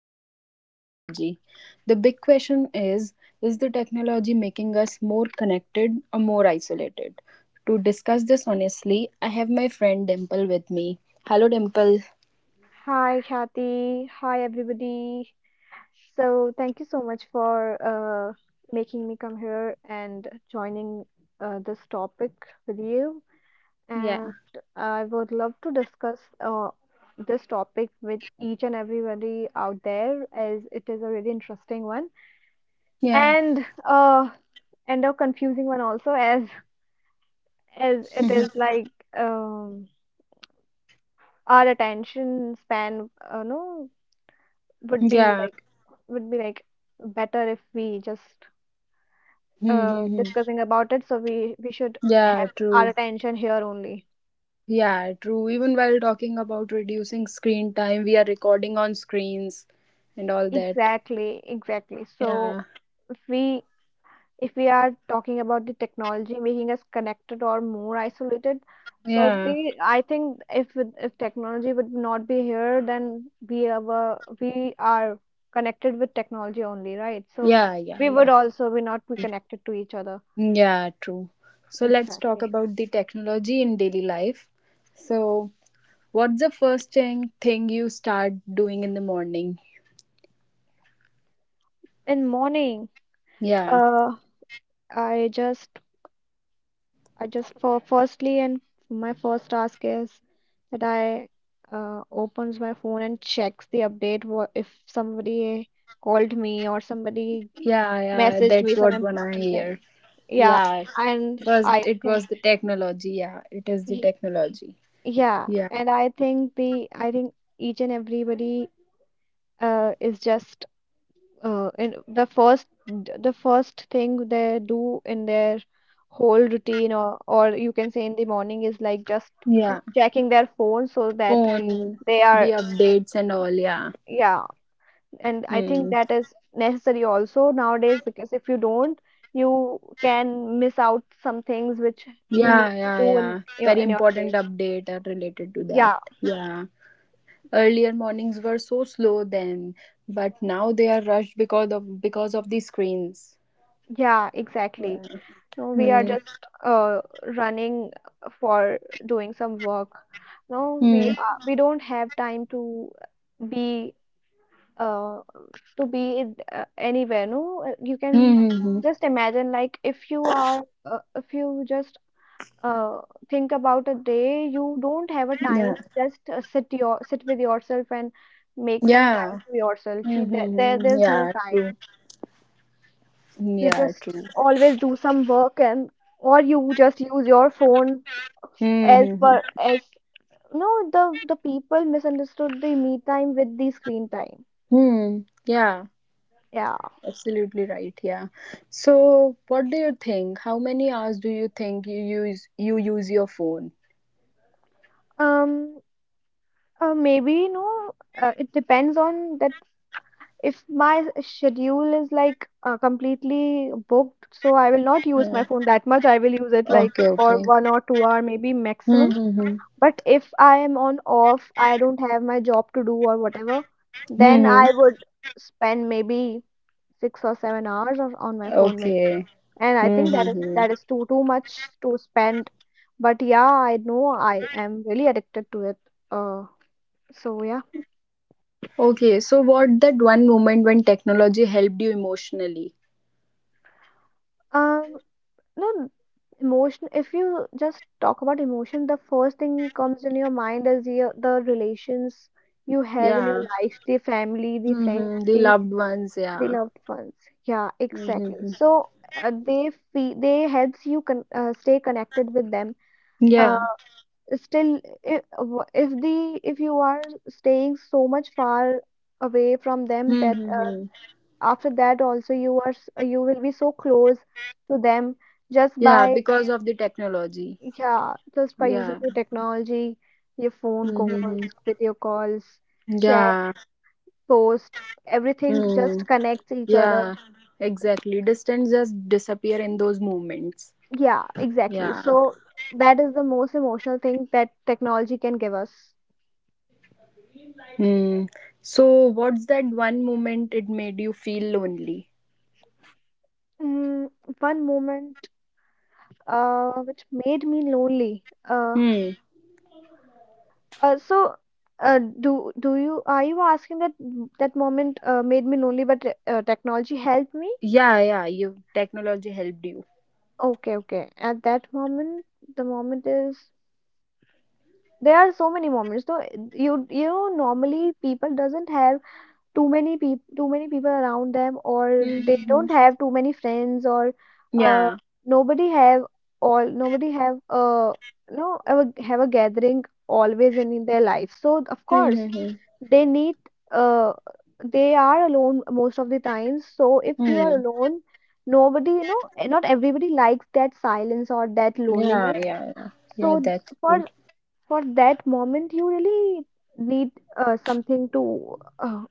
with the technology. The big question is the technology making us more connected or more isolated? To discuss this honestly, I have my friend Dimple with me. Hello, Dimple. Hi, Kathy. Hi, everybody. So, thank you so much for making me come here and joining this topic with you. Yeah, And I would love to discuss uh, this topic with each and everybody out there, as it is a really interesting one yeah, and and a confusing one also, as as it is like um, our attention span, no, would be yeah, like would be better if we just uh, discussing about it. So we should yeah, have true. our attention here only. Yeah, true. Even while talking about reducing screen time, we are recording on screens and all that. Exactly, exactly. So Yeah, if we if we are talking about the technology making us connected or more isolated, so yeah, the I think if technology would not be here, then we are connected with technology only, right? So yeah, yeah, we would yeah. also be not be connected to each other. Yeah, true. So let's talk Exactly. about the technology in daily life. So, what's the first thing you start doing in the morning? In morning, Yeah, uh, I just, I just for firstly and my first task is that I opens my phone and checks the update what if somebody called me or somebody yeah, yeah. messaged me That's some what when I important thing. hear. Yeah, Yeah, and first I it think was the technology. Yeah, it is the y- technology. yeah, Yeah, and I think the I think each and everybody is just and the first thing they do in their whole routine or you can say in the morning is like just yeah. checking their phone so that Phone, they the are. updates and all. Yeah. Yeah, and I think Hmm. that is necessary also nowadays, because if you don't, you can miss out some things which you need Yeah, to yeah, do yeah. Very in your important day. update are related to that. Yeah, Yeah. Earlier mornings were so slow then, but now they are rushed because of the screens. yeah, exactly. Yeah. No, we are Hmm. just running for doing some work. No, We Hmm. are, we don't have time be uh, to be in, anywhere. No, you can Hmm, hmm, hmm. just imagine, like if you are if you just uh, think about a day, you don't have a time Yeah. to just sit with yourself and make some time Yeah. to yourself. Hmm, You, there, hmm, hmm. there's no Yeah, true. time. You Yeah, just true. always do some work, and or you just use your phone Hmm. as Hmm, hmm. per as. No, the people misunderstood the me time with the screen time. Hmm. Yeah. Yeah. Absolutely right. Yeah. So, what do you think? How many hours do you think you use your phone? Um. Maybe no. It depends on that. If my schedule is like completely booked, so I will not use my Yeah. phone that much. I will use it like Okay, for okay. 1 or 2 hour, maybe maximum. Mm-hmm. But if I am on off, I don't have my job to do or whatever, then Hmm. I would spend maybe 6 or 7 hours or on my phone maybe. Okay. And I think Mm-hmm. that is too much to spend. But yeah, I know I am really addicted to it. Uh, so yeah. Okay. So, what that one moment when technology helped you emotionally? Um, no, emotion. If you just talk about emotion, the first thing comes in your mind is your, the relations you have in your Yeah. life, the family, the friends, Mm-hmm. The the. loved ones. They Yeah. loved ones. Yeah, exactly. Mm-hmm. So they helps you con stay connected with them. Uh, Yeah. still, if, if you are staying so much far away from them, that Mm-hmm. after that also you will be so close to them just Yeah. by, Because of the technology. yeah, just by using Yeah. the technology, your phone Mm-hmm. calls, video calls, chat, Yeah. post, everything just Mm. connects each other. Yeah. Exactly. Distance just disappear in those moments. Yeah, exactly. Yeah. So that is the most emotional thing that technology can give us. Mm. So, what's that one moment it made you feel lonely? Mm, one moment which made me lonely. Hmm. uh, so do you, are you asking that that moment made me lonely, but technology helped me? Yeah, yeah, you technology helped you. Okay, okay. At that moment, the moment is there are so many moments. So you know, normally people doesn't have too many people around them, or they Mm-hmm. don't have too many friends, or uh, Yeah. nobody have nobody have no ever have a gathering always in their life, so of course Mm-hmm. they need uh they are alone most of the times. So if you are Mm. alone, nobody, you know, not everybody likes that silence or that Yeah, loneliness. yeah, yeah. Yeah, So that's for true. for that moment you really need something to uh,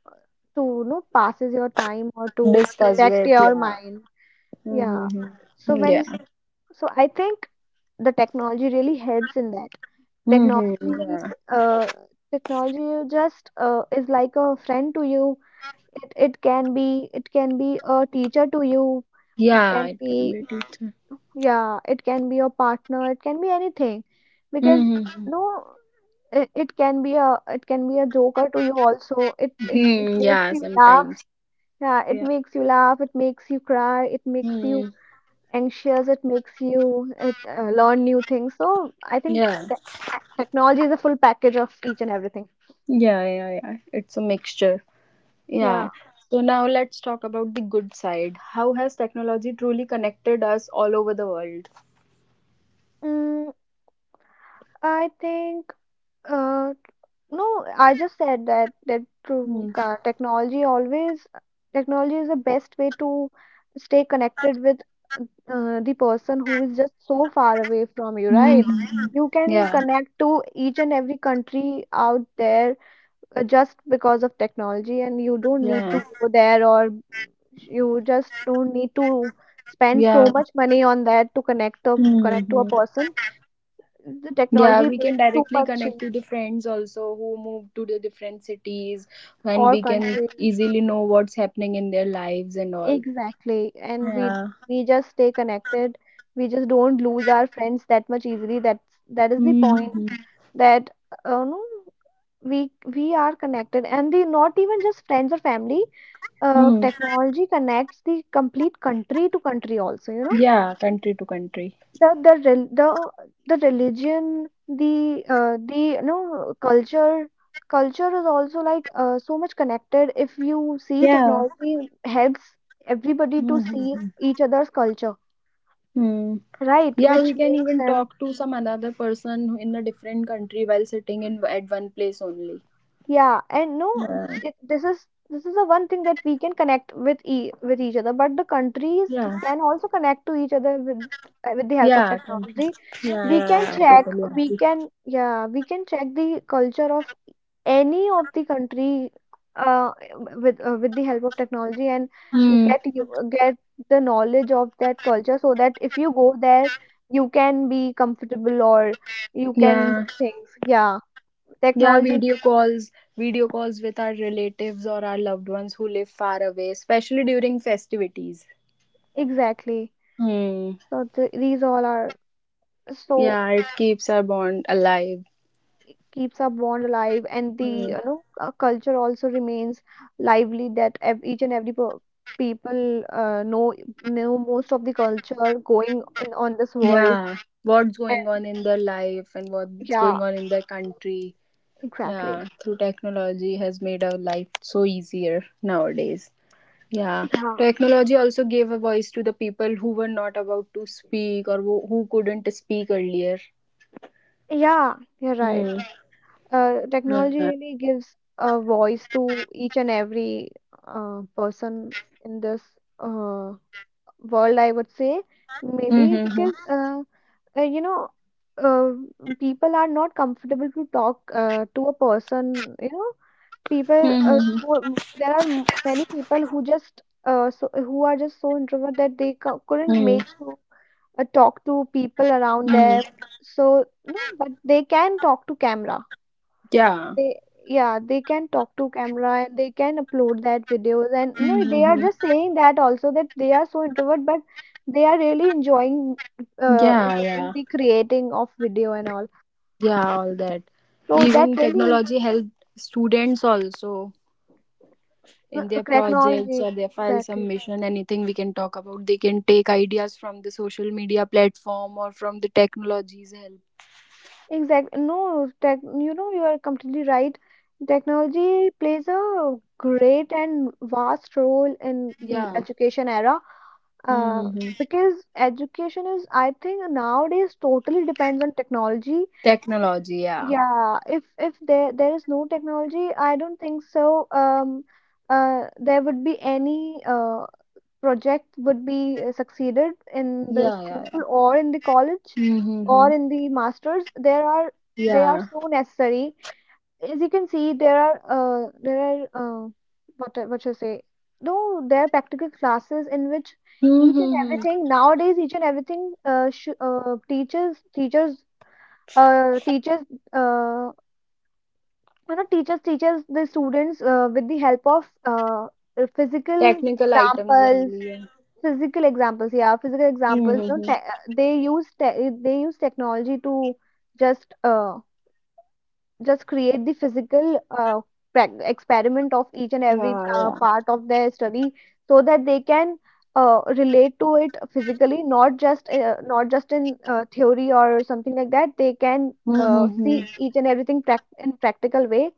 to, you know, passes your time, or to Discuss distract with, your yeah. mind. Yeah, Mm-hmm. so Yeah. when, so I think the technology really helps in that. Mm-hmm. technology Yeah. uh, Technology just is like a friend to you. It can be, it can be a teacher to you, it Yeah, can it be, can be teacher. yeah, it can be your partner, it can be anything. Because Mm-hmm. no, it can be a, it can be a joker to you also. It, it Hmm. makes Yeah, you laugh. sometimes. Yeah, it Yeah. makes you laugh, it makes you cry, it makes you Hmm. anxious, it makes you learn new things. So I think Yeah. te technology is a full package of each and everything. Yeah, yeah, yeah. It's a mixture. Yeah. Yeah. So now let's talk about the good side. How has technology truly connected us all over the world? Mm, I think uh, No, I just said that that to Mm-hmm. Technology is the best way to stay connected with the person who is just so far away from you, right? Mhm. You can Yeah, connect to each and every country out there just because of technology, and you don't need yeah, to go there, or you just don't need to spend yeah. so much money on that to connect to a Hmm. person. The Yeah, technology we can makes too directly much connect in to the friends also who move to the different cities, and our we can country. easily know what's happening in their lives and all. Exactly. And Yeah. we just stay connected. We just don't lose our friends that much easily. That's that is the point Mm-hmm. that no, we are connected, and the not even just friends or family. Hmm. Technology connects the complete country to country also, you know, Yeah, country to country. the the religion, the the, you know, culture is also like so much connected. If you see, Yeah. technology helps everybody to see Mm-hmm. each other's culture, Hmm. right, Yeah, we which can makes even them. talk to some another person in a different country while sitting in at one place only. Yeah, and no, Yeah. This is the one thing that we can connect with e with each other. But the countries Yeah. can also connect to each other with the help of Yeah, country. technology. Yeah, We yeah, can yeah. I check, totally we agree. can, yeah, we can check the culture of any of the country uh, with the help of technology and Hmm. Get the knowledge of that culture, so that if you go there, you can be comfortable, or you can do Yeah. things. Yeah, Yeah, technology, video calls with our relatives or our loved ones who live far away, especially during festivities. exactly. Hmm. So these all are so Yeah, it keeps our bond alive. it keeps our bond alive, and the, Hmm. you know, culture also remains lively. That each and every per people know most of the culture going in on this world. Yeah. What's going And on in their life and what's yeah, going on in their country. Yeah, exactly. through technology has made our life so easier nowadays. Yeah, Yeah, technology also gave a voice to the people who were not about to speak or who couldn't speak earlier. yeah, you're right. Hmm. Yeah. Technology really gives a voice to each and every person in this uh, world. I would say maybe, Mm-hmm. because. You know, uh, people are not comfortable to talk to a person. You know, people. Mm-hmm. There are many people who just who are just so introvert that they couldn't make to talk to people around them. Mm-hmm. So no, but they can talk to camera. Yeah. They, yeah, they can talk to camera and they can upload that videos, and no, they are Mm-hmm. just saying that also, that they are so introvert, but they are really enjoying Yeah, enjoying yeah. the creating of video and all. Yeah, all that. So that Even really, technology helped students also uh, in their projects technology or their file exactly, submission, anything we can talk about. They can take ideas from the social media platform or from the technology's help. exactly no tech, you know, you are completely right. Technology plays a great and vast role in the Yeah. education era. Uh, Mm-hmm. because education is, I think, nowadays totally depends on technology. Technology, yeah. Yeah, if there is no technology, I don't think so. There would be any project would be succeeded in the Yeah, yeah, school, yeah. or in the college, or Mm-hmm. in the masters. There are they are Yeah. so necessary. As you can see, there are what what you say? No, there are practical classes in which each and Mm-hmm. everything nowadays, each and everything, sh teachers teachers teachers uh, teachers teaches the students with the help of physical Technical items examples, only. Yeah. Physical examples, Mm-hmm. They use they use technology to just uh, just create the physical experiment of each and every Yeah, yeah. part of their study so that they can relate to it physically, not just not just in theory or something like that. They can Mm-hmm. see each and everything in practical way,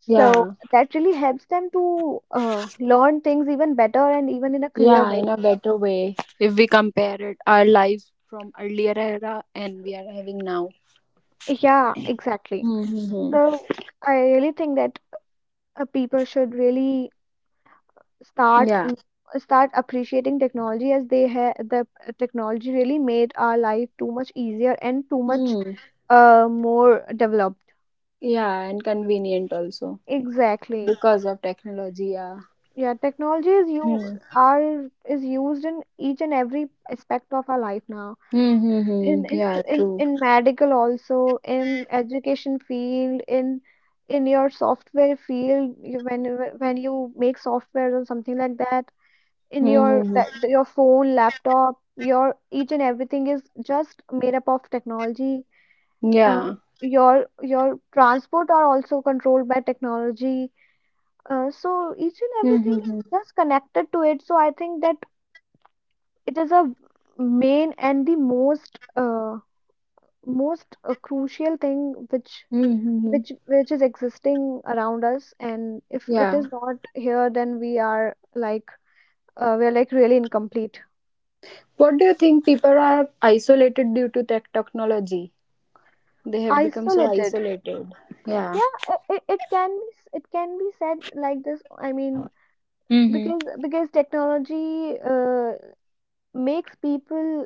so Yeah. that really helps them to learn things even better and even in a clear Yeah, way. in a better way. If we compare it, our lives from earlier era and we are having now. Yeah, exactly. Mm-hmm. So I really think that people should really start Yeah. n- start appreciating technology, as they have the technology really made our life too much easier and too much Mm. More developed. Yeah, and convenient also Exactly. because of technology. Yeah. Yeah, technology is you Mm. are is used in each and every aspect of our life now. in Mm-hmm. in Yeah, in, true. in medical, also in education field, in your software field, when you make software or something like that, in your, Mm-hmm. that your phone, laptop, your each and everything is just made up of technology. Uh, Yeah. your transport are also controlled by technology. So each and everything is Mm-hmm. just connected to it. So I think that it is a main and the most crucial thing which which is existing around us. And if it Yeah. is not here, then we are like really incomplete, What do you think, people are isolated due to technology? They have become so isolated. isolated. Yeah. Yeah, it can be it can be said like this, I mean, Mm-hmm. because technology makes people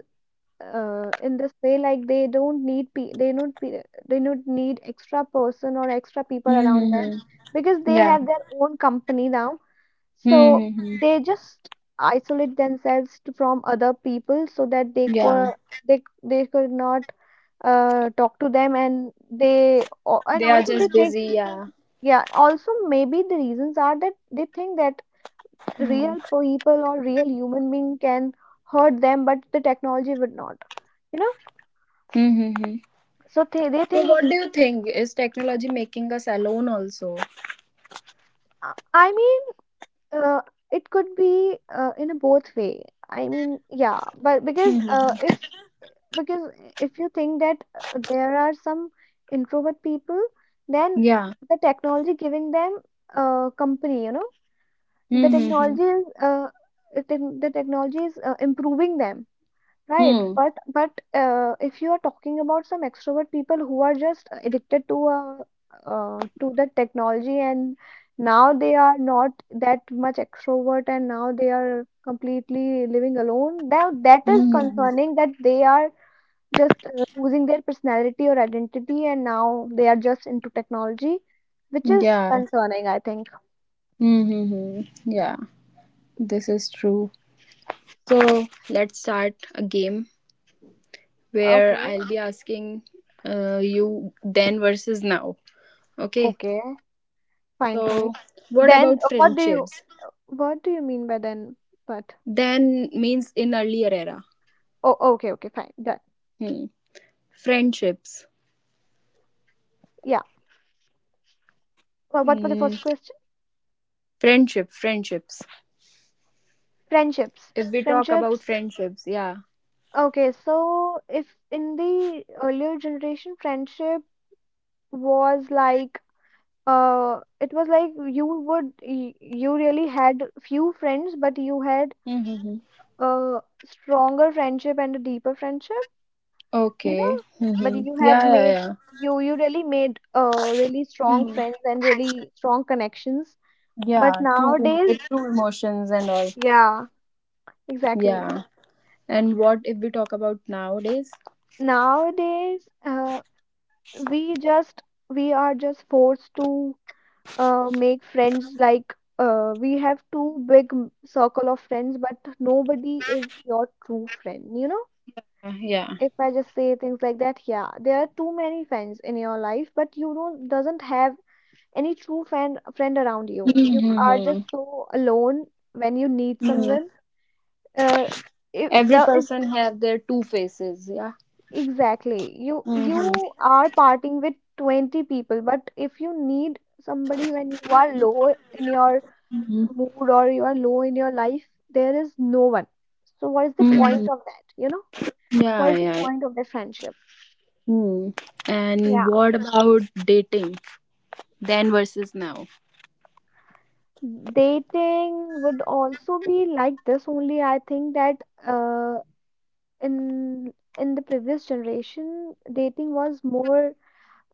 in this way, like they don't need they don't they don't need extra person or extra people around them Mm-hmm. because they Yeah. have their own company now. So Mm-hmm. they just isolate themselves to, from other people, so that they could Yeah. They could not talk to them. And they and They are also they just think, busy. Yeah. yeah, also maybe the reasons are that they think that Hmm. real people or real human being can hurt them, but the technology would not. You know, Mm-hmm. so they So think. what do you think? Is technology making us alone also? I mean, uh, it could be in a both way. I mean, yeah, but because Mm-hmm. Because if you think that there are some introvert people, then Yeah. the technology giving them company. You know, the Mm-hmm. technology is the technology is improving them. Right, Hmm. but if you are talking about some extrovert people who are just addicted to the technology, and now they are not that much extrovert and now they are completely living alone, now that is Mm-hmm. concerning, that they are just losing their personality or identity and now they are just into technology, which is Yeah. concerning, I think. Mm-hmm. Yeah. This is true. So let's start a game, Okay, where I'll be asking you then versus now. Okay. okay, fine, fine. So, what Then about what do you, friendships? what do you mean by then? But Then means in earlier era. Oh, okay, okay, fine, done. Hmm. Friendships. Yeah. What was your first question? Hmm. Friendship, friendships. Friendships. If we talk Friendships. about friendships, yeah. Okay, so if in the earlier generation, friendship was like, it was like you would, you really had few friends, but you had Mm-hmm. a stronger friendship and a deeper friendship, you Okay. know? But Mm-hmm. you have Yeah, yeah, made, yeah. You really made, really strong Mhm. friends and really strong connections. Yeah, But true, nowadays, with true emotions and all. yeah, exactly. Yeah. And what if we talk about nowadays? Nowadays, we just, we are just forced to make friends, like we have two big circle of friends, but nobody is your true friend, you know. Yeah. If I just say things like that, yeah, there are too many friends in your life, but you don't, doesn't have any true friend around you. You are Mm-hmm. just so alone when you need Mm-hmm. someone. uh, if Every the person have their two faces. Yeah. Exactly. You Mm-hmm. you are parting with 20 people, but if you need somebody when you are low in your Mhm. mood or you are low in your life, there is no one. So what is the Mhm. point of that, you know? What Yeah, is the yeah. point of the friendship? Mm. And Yeah. what about dating then versus now? Dating would also be like this only. I think that in the previous generation, dating was more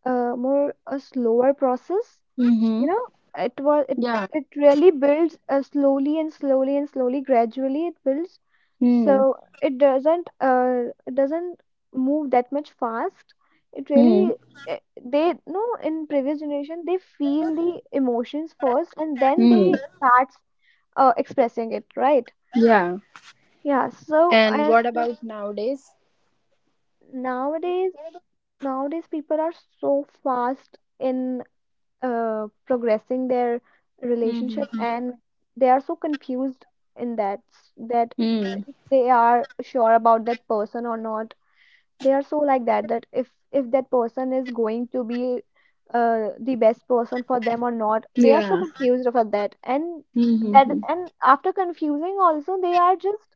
more a slower process, Mm-hmm. you know. It Yeah. it really builds slowly and slowly and slowly, gradually it builds. Mm. So it doesn't uh it doesn't move that much fast. It Mm. really eh, they no in previous generation, they feel the emotions first and then Mm. they start expressing it, right? Yeah. Yeah, so And and what about nowadays? nowadays, nowadays people are so fast in progressing their relationship, Mm-hmm. and they are so confused in that Mm. they are sure about that person or not. They are so like that, that if that person is going to be the best person for them or not. They are so Yeah. confused about that, and that, Mm-hmm. and after confusing also,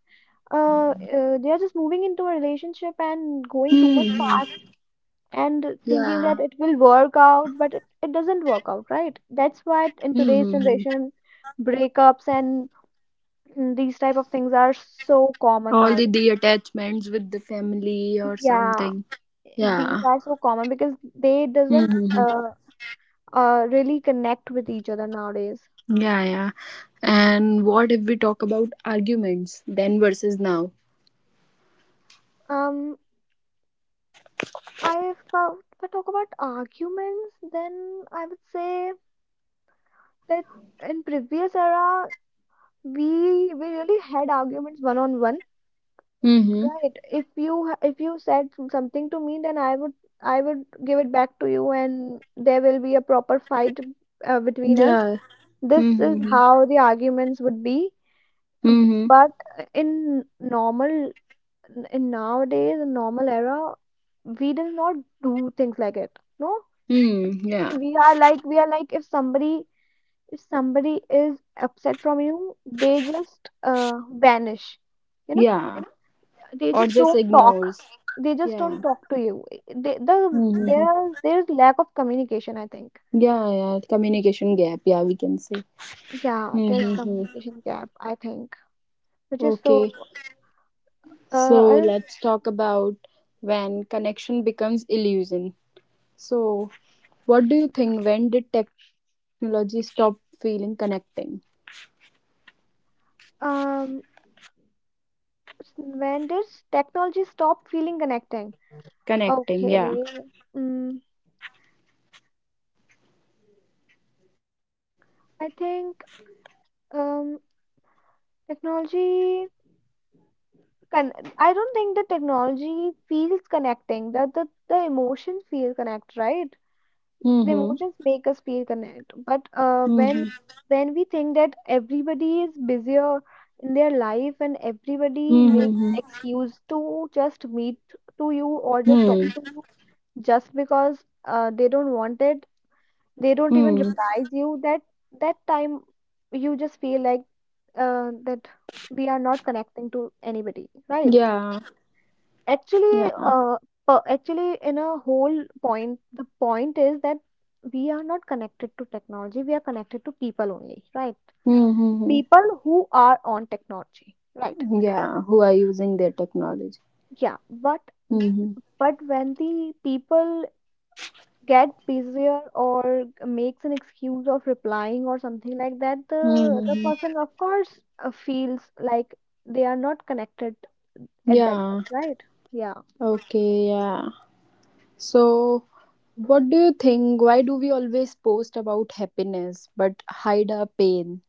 uh, they are just moving into a relationship and going too much Mm-hmm. fast and thinking Yeah. that it will work out, but it doesn't work out, right? That's why in Mm-hmm. today's generation, breakups and mm, these type of things are so All common now. the attachments with the family or Yeah, something. these Yeah. are so common because they doesn't Hmm. Really connect with each other nowadays. Yeah, yeah. And what if we talk about arguments then versus now? Um, I if I if I talk about arguments, then I would say that in previous era, we really had arguments one on one. Mm-hmm. Right. If you said something to me, then I would give it back to you, and there will be a proper fight between us. Yeah. This is Mm-hmm. how the arguments would be. uh, Mm-hmm. But in normal, in nowadays, in normal era, we do not do things like it. No, Mm, yeah. We are like, if somebody, if somebody is upset from you, they just vanish. You know, Yeah. they Or just just don't talk ignores. they just Yeah. don't talk to you. They, the Mm-hmm. there there's lack of communication, I think. Yeah, yeah. Y- Communication gap, yeah, we can say. Yeah, there's Mm-hmm. communication gap, I think, which is Okay. so So I don't let's talk about when connection becomes illusion. So, what do you think? When did technology stop feeling connecting? um s- when does technology stop feeling connecting? Connecting. Yeah. Okay, mm, I think um technology can, I don't think the technology feels connecting. That the emotions feel connect, right? The Mm-hmm. emotions make us feel connect, but Mm-hmm. when we think that everybody is busier in their life and everybody makes Mm-hmm. excuse to just meet to you or just talk Mm-hmm. to you, just because they don't want it, they don't even Hmm. Hmm. reply you. That that time, you just feel like that we are not connecting to anybody, right? Yeah. Actually, Yeah. Actually, in a whole point, the point is that we are not connected to technology. We are connected to people only, right? Mm-hmm. People who are on technology, right? Yeah. Who are using their technology? Yeah, but Mm-hmm. When the people get busier or makes an excuse of replying or something like that, the Mm-hmm. person of course feels like they are not connected at that much, Yeah. right? Yeah, Okay. Yeah. So, what do you think? Why do we always post about happiness but hide our pain?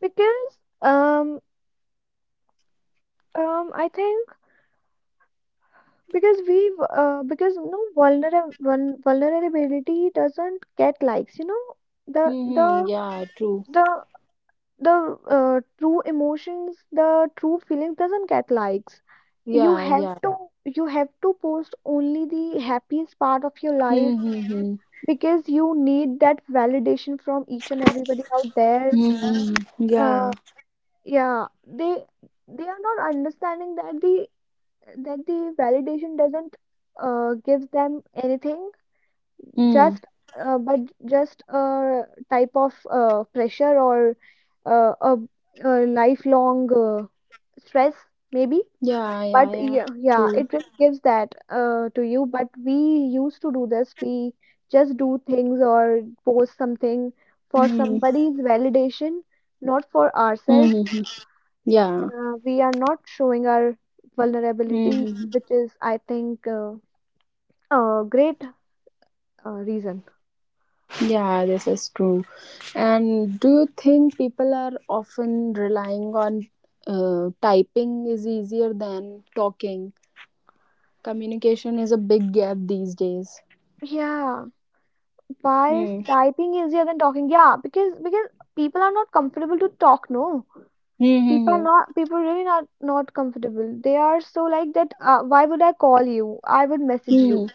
because I think. Because because you know, vulnerability doesn't get likes. You know, the Mm-hmm. the Yeah, true. the the true emotions, the true feelings doesn't get likes. You Yeah. have Yeah. to you have to post only the happiest part of your life, Mm-hmm. Mm-hmm. because you need that validation from each and everybody out there. Mm-hmm. Yeah. Uh, yeah, they are not understanding that the validation doesn't gives them anything. Mm. Just, but just a type of pressure or uh, a, a lifelong stress, maybe. Yeah. But Yeah. Yeah, yeah, yeah, true. it really gives that to you. But we used to do this. We just do things or post something Mm-hmm. for somebody's validation, not for Mm-hmm. ourselves. Yeah. We are not showing our vulnerability, Mm-hmm. which is, I think, a great reason. Yeah, this is true. And do you think people are often relying on typing is easier than talking? Communication is a big gap these days. Yeah. Why is Hmm. typing easier than talking? Yeah, because people are not comfortable to talk, no. Hmm. Hmm, hmm. People really not comfortable. They are so like that, why would I call you? I would message you, Hmm.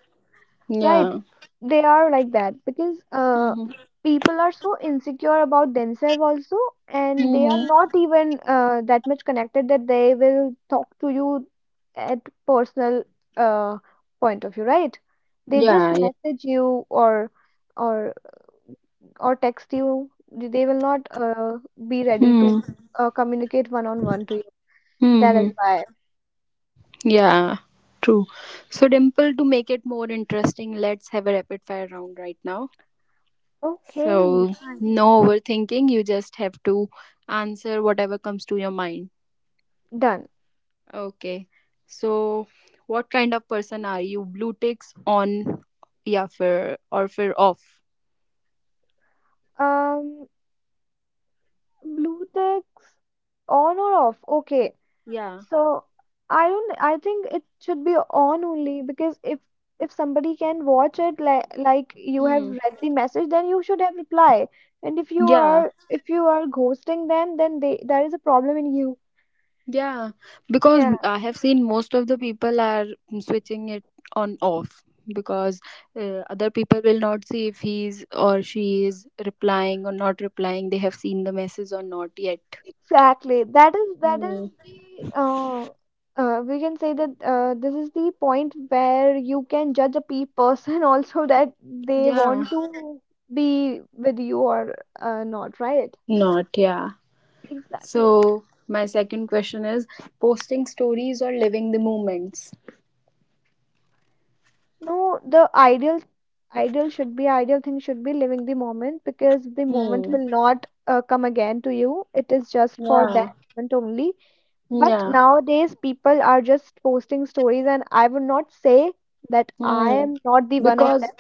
right? Yeah. They are like that because Hmm. Hmm, people are so insecure about themselves also, and they hmm, are hmm. not even that much connected that they will talk to you at personal uh point of view, right? They just Yeah. Yeah. message you, or or or text you. They will not be ready to Hmm. Communicate one on one to you. Hmm, That is hmm. why. Yeah. True. So, Dimple, to make it more interesting, let's have a rapid fire round right now. Okay, So, fine, no overthinking. You just have to answer whatever comes to your mind. done. Okay. So, what kind of person are you? Blue ticks on, yeah, for or for off? Um, blue text on or off? Okay. Yeah. So I don't I think it should be on only, because if somebody can watch it, like you have Hmm. read the message, then you should have reply. And if you Yeah. are, if you are ghosting them, then they, there is a problem in you. Yeah. Because Yeah. I have seen most of the people are switching it on off, because other people will not see if he's or she is replying or not replying. They have seen the message or not yet. Exactly. That is, that is Hmm. the we can say that this is the point where you can judge a pe person also, that they Yeah. want to be with you or not, right? Not, yeah. Exactly. So, my second question is posting stories or living the moments? No, the ideal, ideal should be ideal thing should be living the moment, because the moment Hmm. will not come again to you. It is just for that Yeah. moment only. But Yeah. nowadays, people are just posting stories, and I would not say that I Hmm. am not the one of them, Because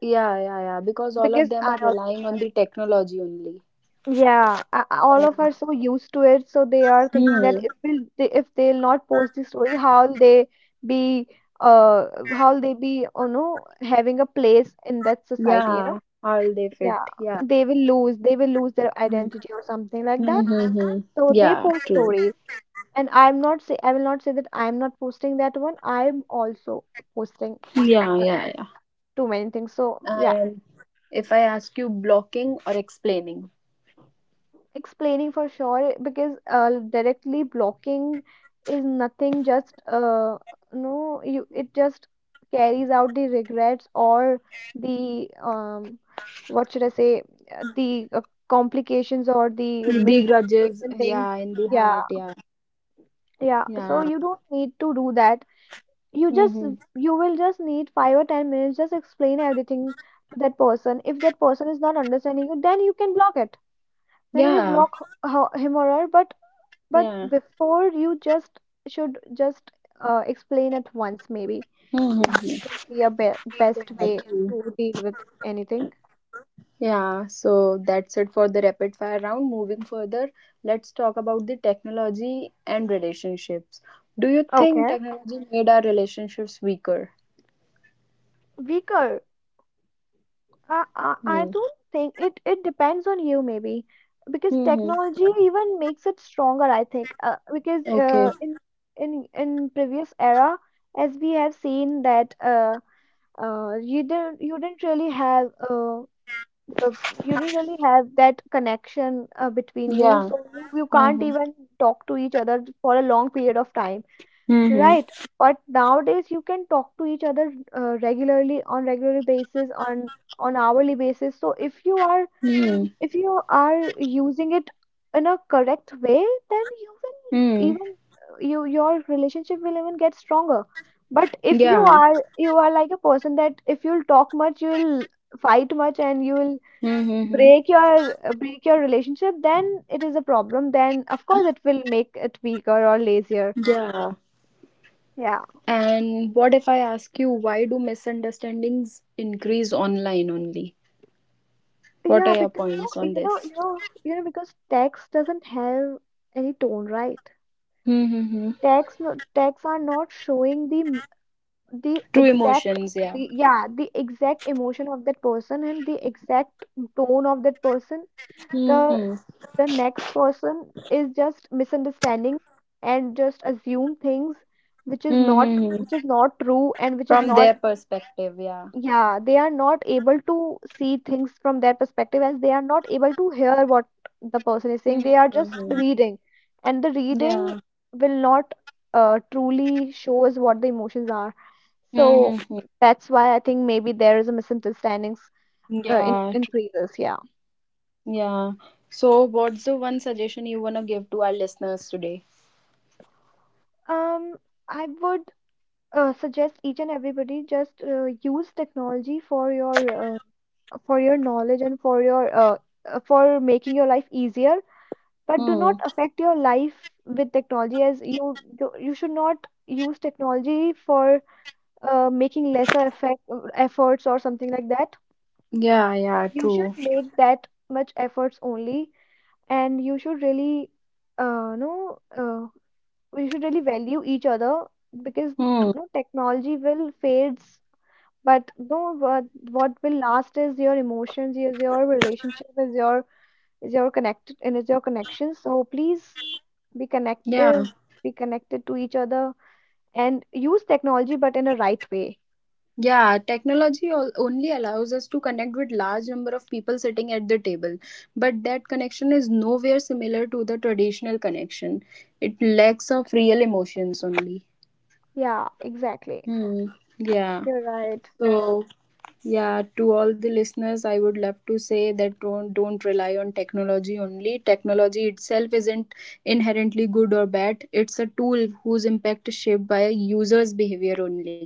yeah, yeah, yeah. Because all because of them I are also do relying on that. the technology only. Yeah, all of us are Yeah. so used to it, so they are thinking that Hmm. if will they, if they'll not post the story, how'll they be uh you know, having a place in that society, you know? Yeah. All they fit. Yeah, Yeah. They will lose their Hmm. identity or something like that. Mm-hmm. So they Yeah, post true. stories. And I will not say that I'm not posting that one. I'm also posting Yeah. Yeah. uh, e- Yeah. too many things, so yeah, And if I ask you blocking or explaining, explaining for sure, because directly blocking is nothing, just no, you, it just carries out the regrets or the what should I say, the complications or the the grudges. miscommunication thing. Yeah. In the Yeah. heart. Yeah. Yeah, so Yeah. you don't need to do that. You just Mm-hmm. you will just need 5 or 10 minutes, just explain everything to that person. If that person is not understanding you, then you can block it. Then you Yeah. block him or her, but Yeah. before you just should just explain it once. Maybe Mm-hmm. this will be a best Yeah, way true. to deal with anything. Yeah, so that's it for the rapid fire round. Moving further, let's talk about the technology and relationships. Do you think Okay. technology made our relationships weaker? Weaker? I Hmm. don't think it, depends on you maybe, because Mm-hmm. technology even makes it stronger, I think. Because Okay. in previous era, as we have seen that you didn't, really have, the- you didn't really have that connection between you, Yeah. so you can't Mm-hmm. even talk to each other for a long period of time. Mm-hmm. Right, but nowadays you can talk to each other regularly, on regular basis, on hourly basis. So Mm-hmm. if you are using it in a correct way, then Mm. Your relationship will even get stronger. But if you Yeah. are you are like a person, that if you'll talk much, you'll fight much, and you will Mm-hmm. break your relationship, then it is a problem. Then of course it will make it weaker or lazier. Yeah. Yeah. And what if I ask you, why do misunderstandings increase online only? What Yeah, are your because points on this? Because text doesn't have any tone, right? Mm-hmm. Text, no, texts are not showing the True exact, emotions, the, yeah. yeah, the exact emotion of that person and the exact tone of that person. The Hmm. the next person is just misunderstanding and just assume things which is not, Mm-hmm. True, and which is From not, their perspective, yeah. yeah, they are not able to see things from their perspective, as they are not able to hear what the person is saying. They are just Mm-hmm. reading, and the reading Yeah. will not truly shows what the emotions are. So Mm-hmm. that's why I think maybe there is a misunderstandings, in Yeah. Increases. Yeah. Yeah. So, what's the one suggestion you wanna give to our listeners today? um I would suggest each and everybody just use technology for your, knowledge, and for your, for making your life easier, but do Hmm. not affect your life with technology. As you do, you should not use technology for making lesser efforts or something like that. Yeah. Yeah, You should true. make that much efforts only, and you should really, no you should really value each other, because Hmm. no, technology will fades, but no, what will last is your emotions, is your relationship, is your, is your connected and is your connection, so please be Yeah. connective, be connected to each other, and use technology, but in a right way. Yeah. Technology only allows us to connect with large number of people sitting at the table, but that connection is nowhere similar to the traditional connection. It lacks of real emotions only. Yeah, exactly. Hmm. Yeah. You're right. So, yeah, to all the listeners, I would love to say that don't rely on technology only. Technology itself isn't inherently good or bad, it's a tool whose impact is shaped by a user's behavior only.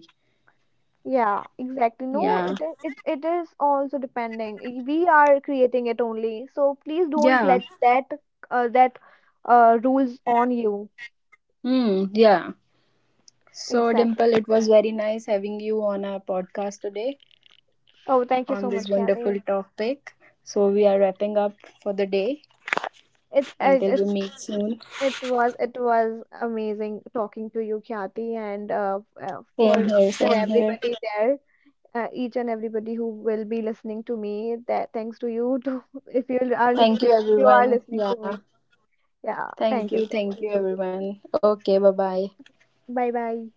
Yeah, exactly. No, Yeah, its it is also depending. We are creating it only, so please don't yeah, let that, rules on you. Hmm, yeah. So, Exactly. Dimple, it was very nice having you on our podcast today Oh, thank you on so this much, Kathy. wonderful topic. So, we are wrapping up for the day It, it until we it's meet soon. it was amazing talking to you, Kathy, and for Same each here, and same here. everybody there, each and everybody who will be listening to me. That, thanks to you too, if you are Thank listening, you, everyone. Yeah. to me. Yeah, thank Thank you you. so Thank much. you, everyone. Okay. Bye bye. Bye bye.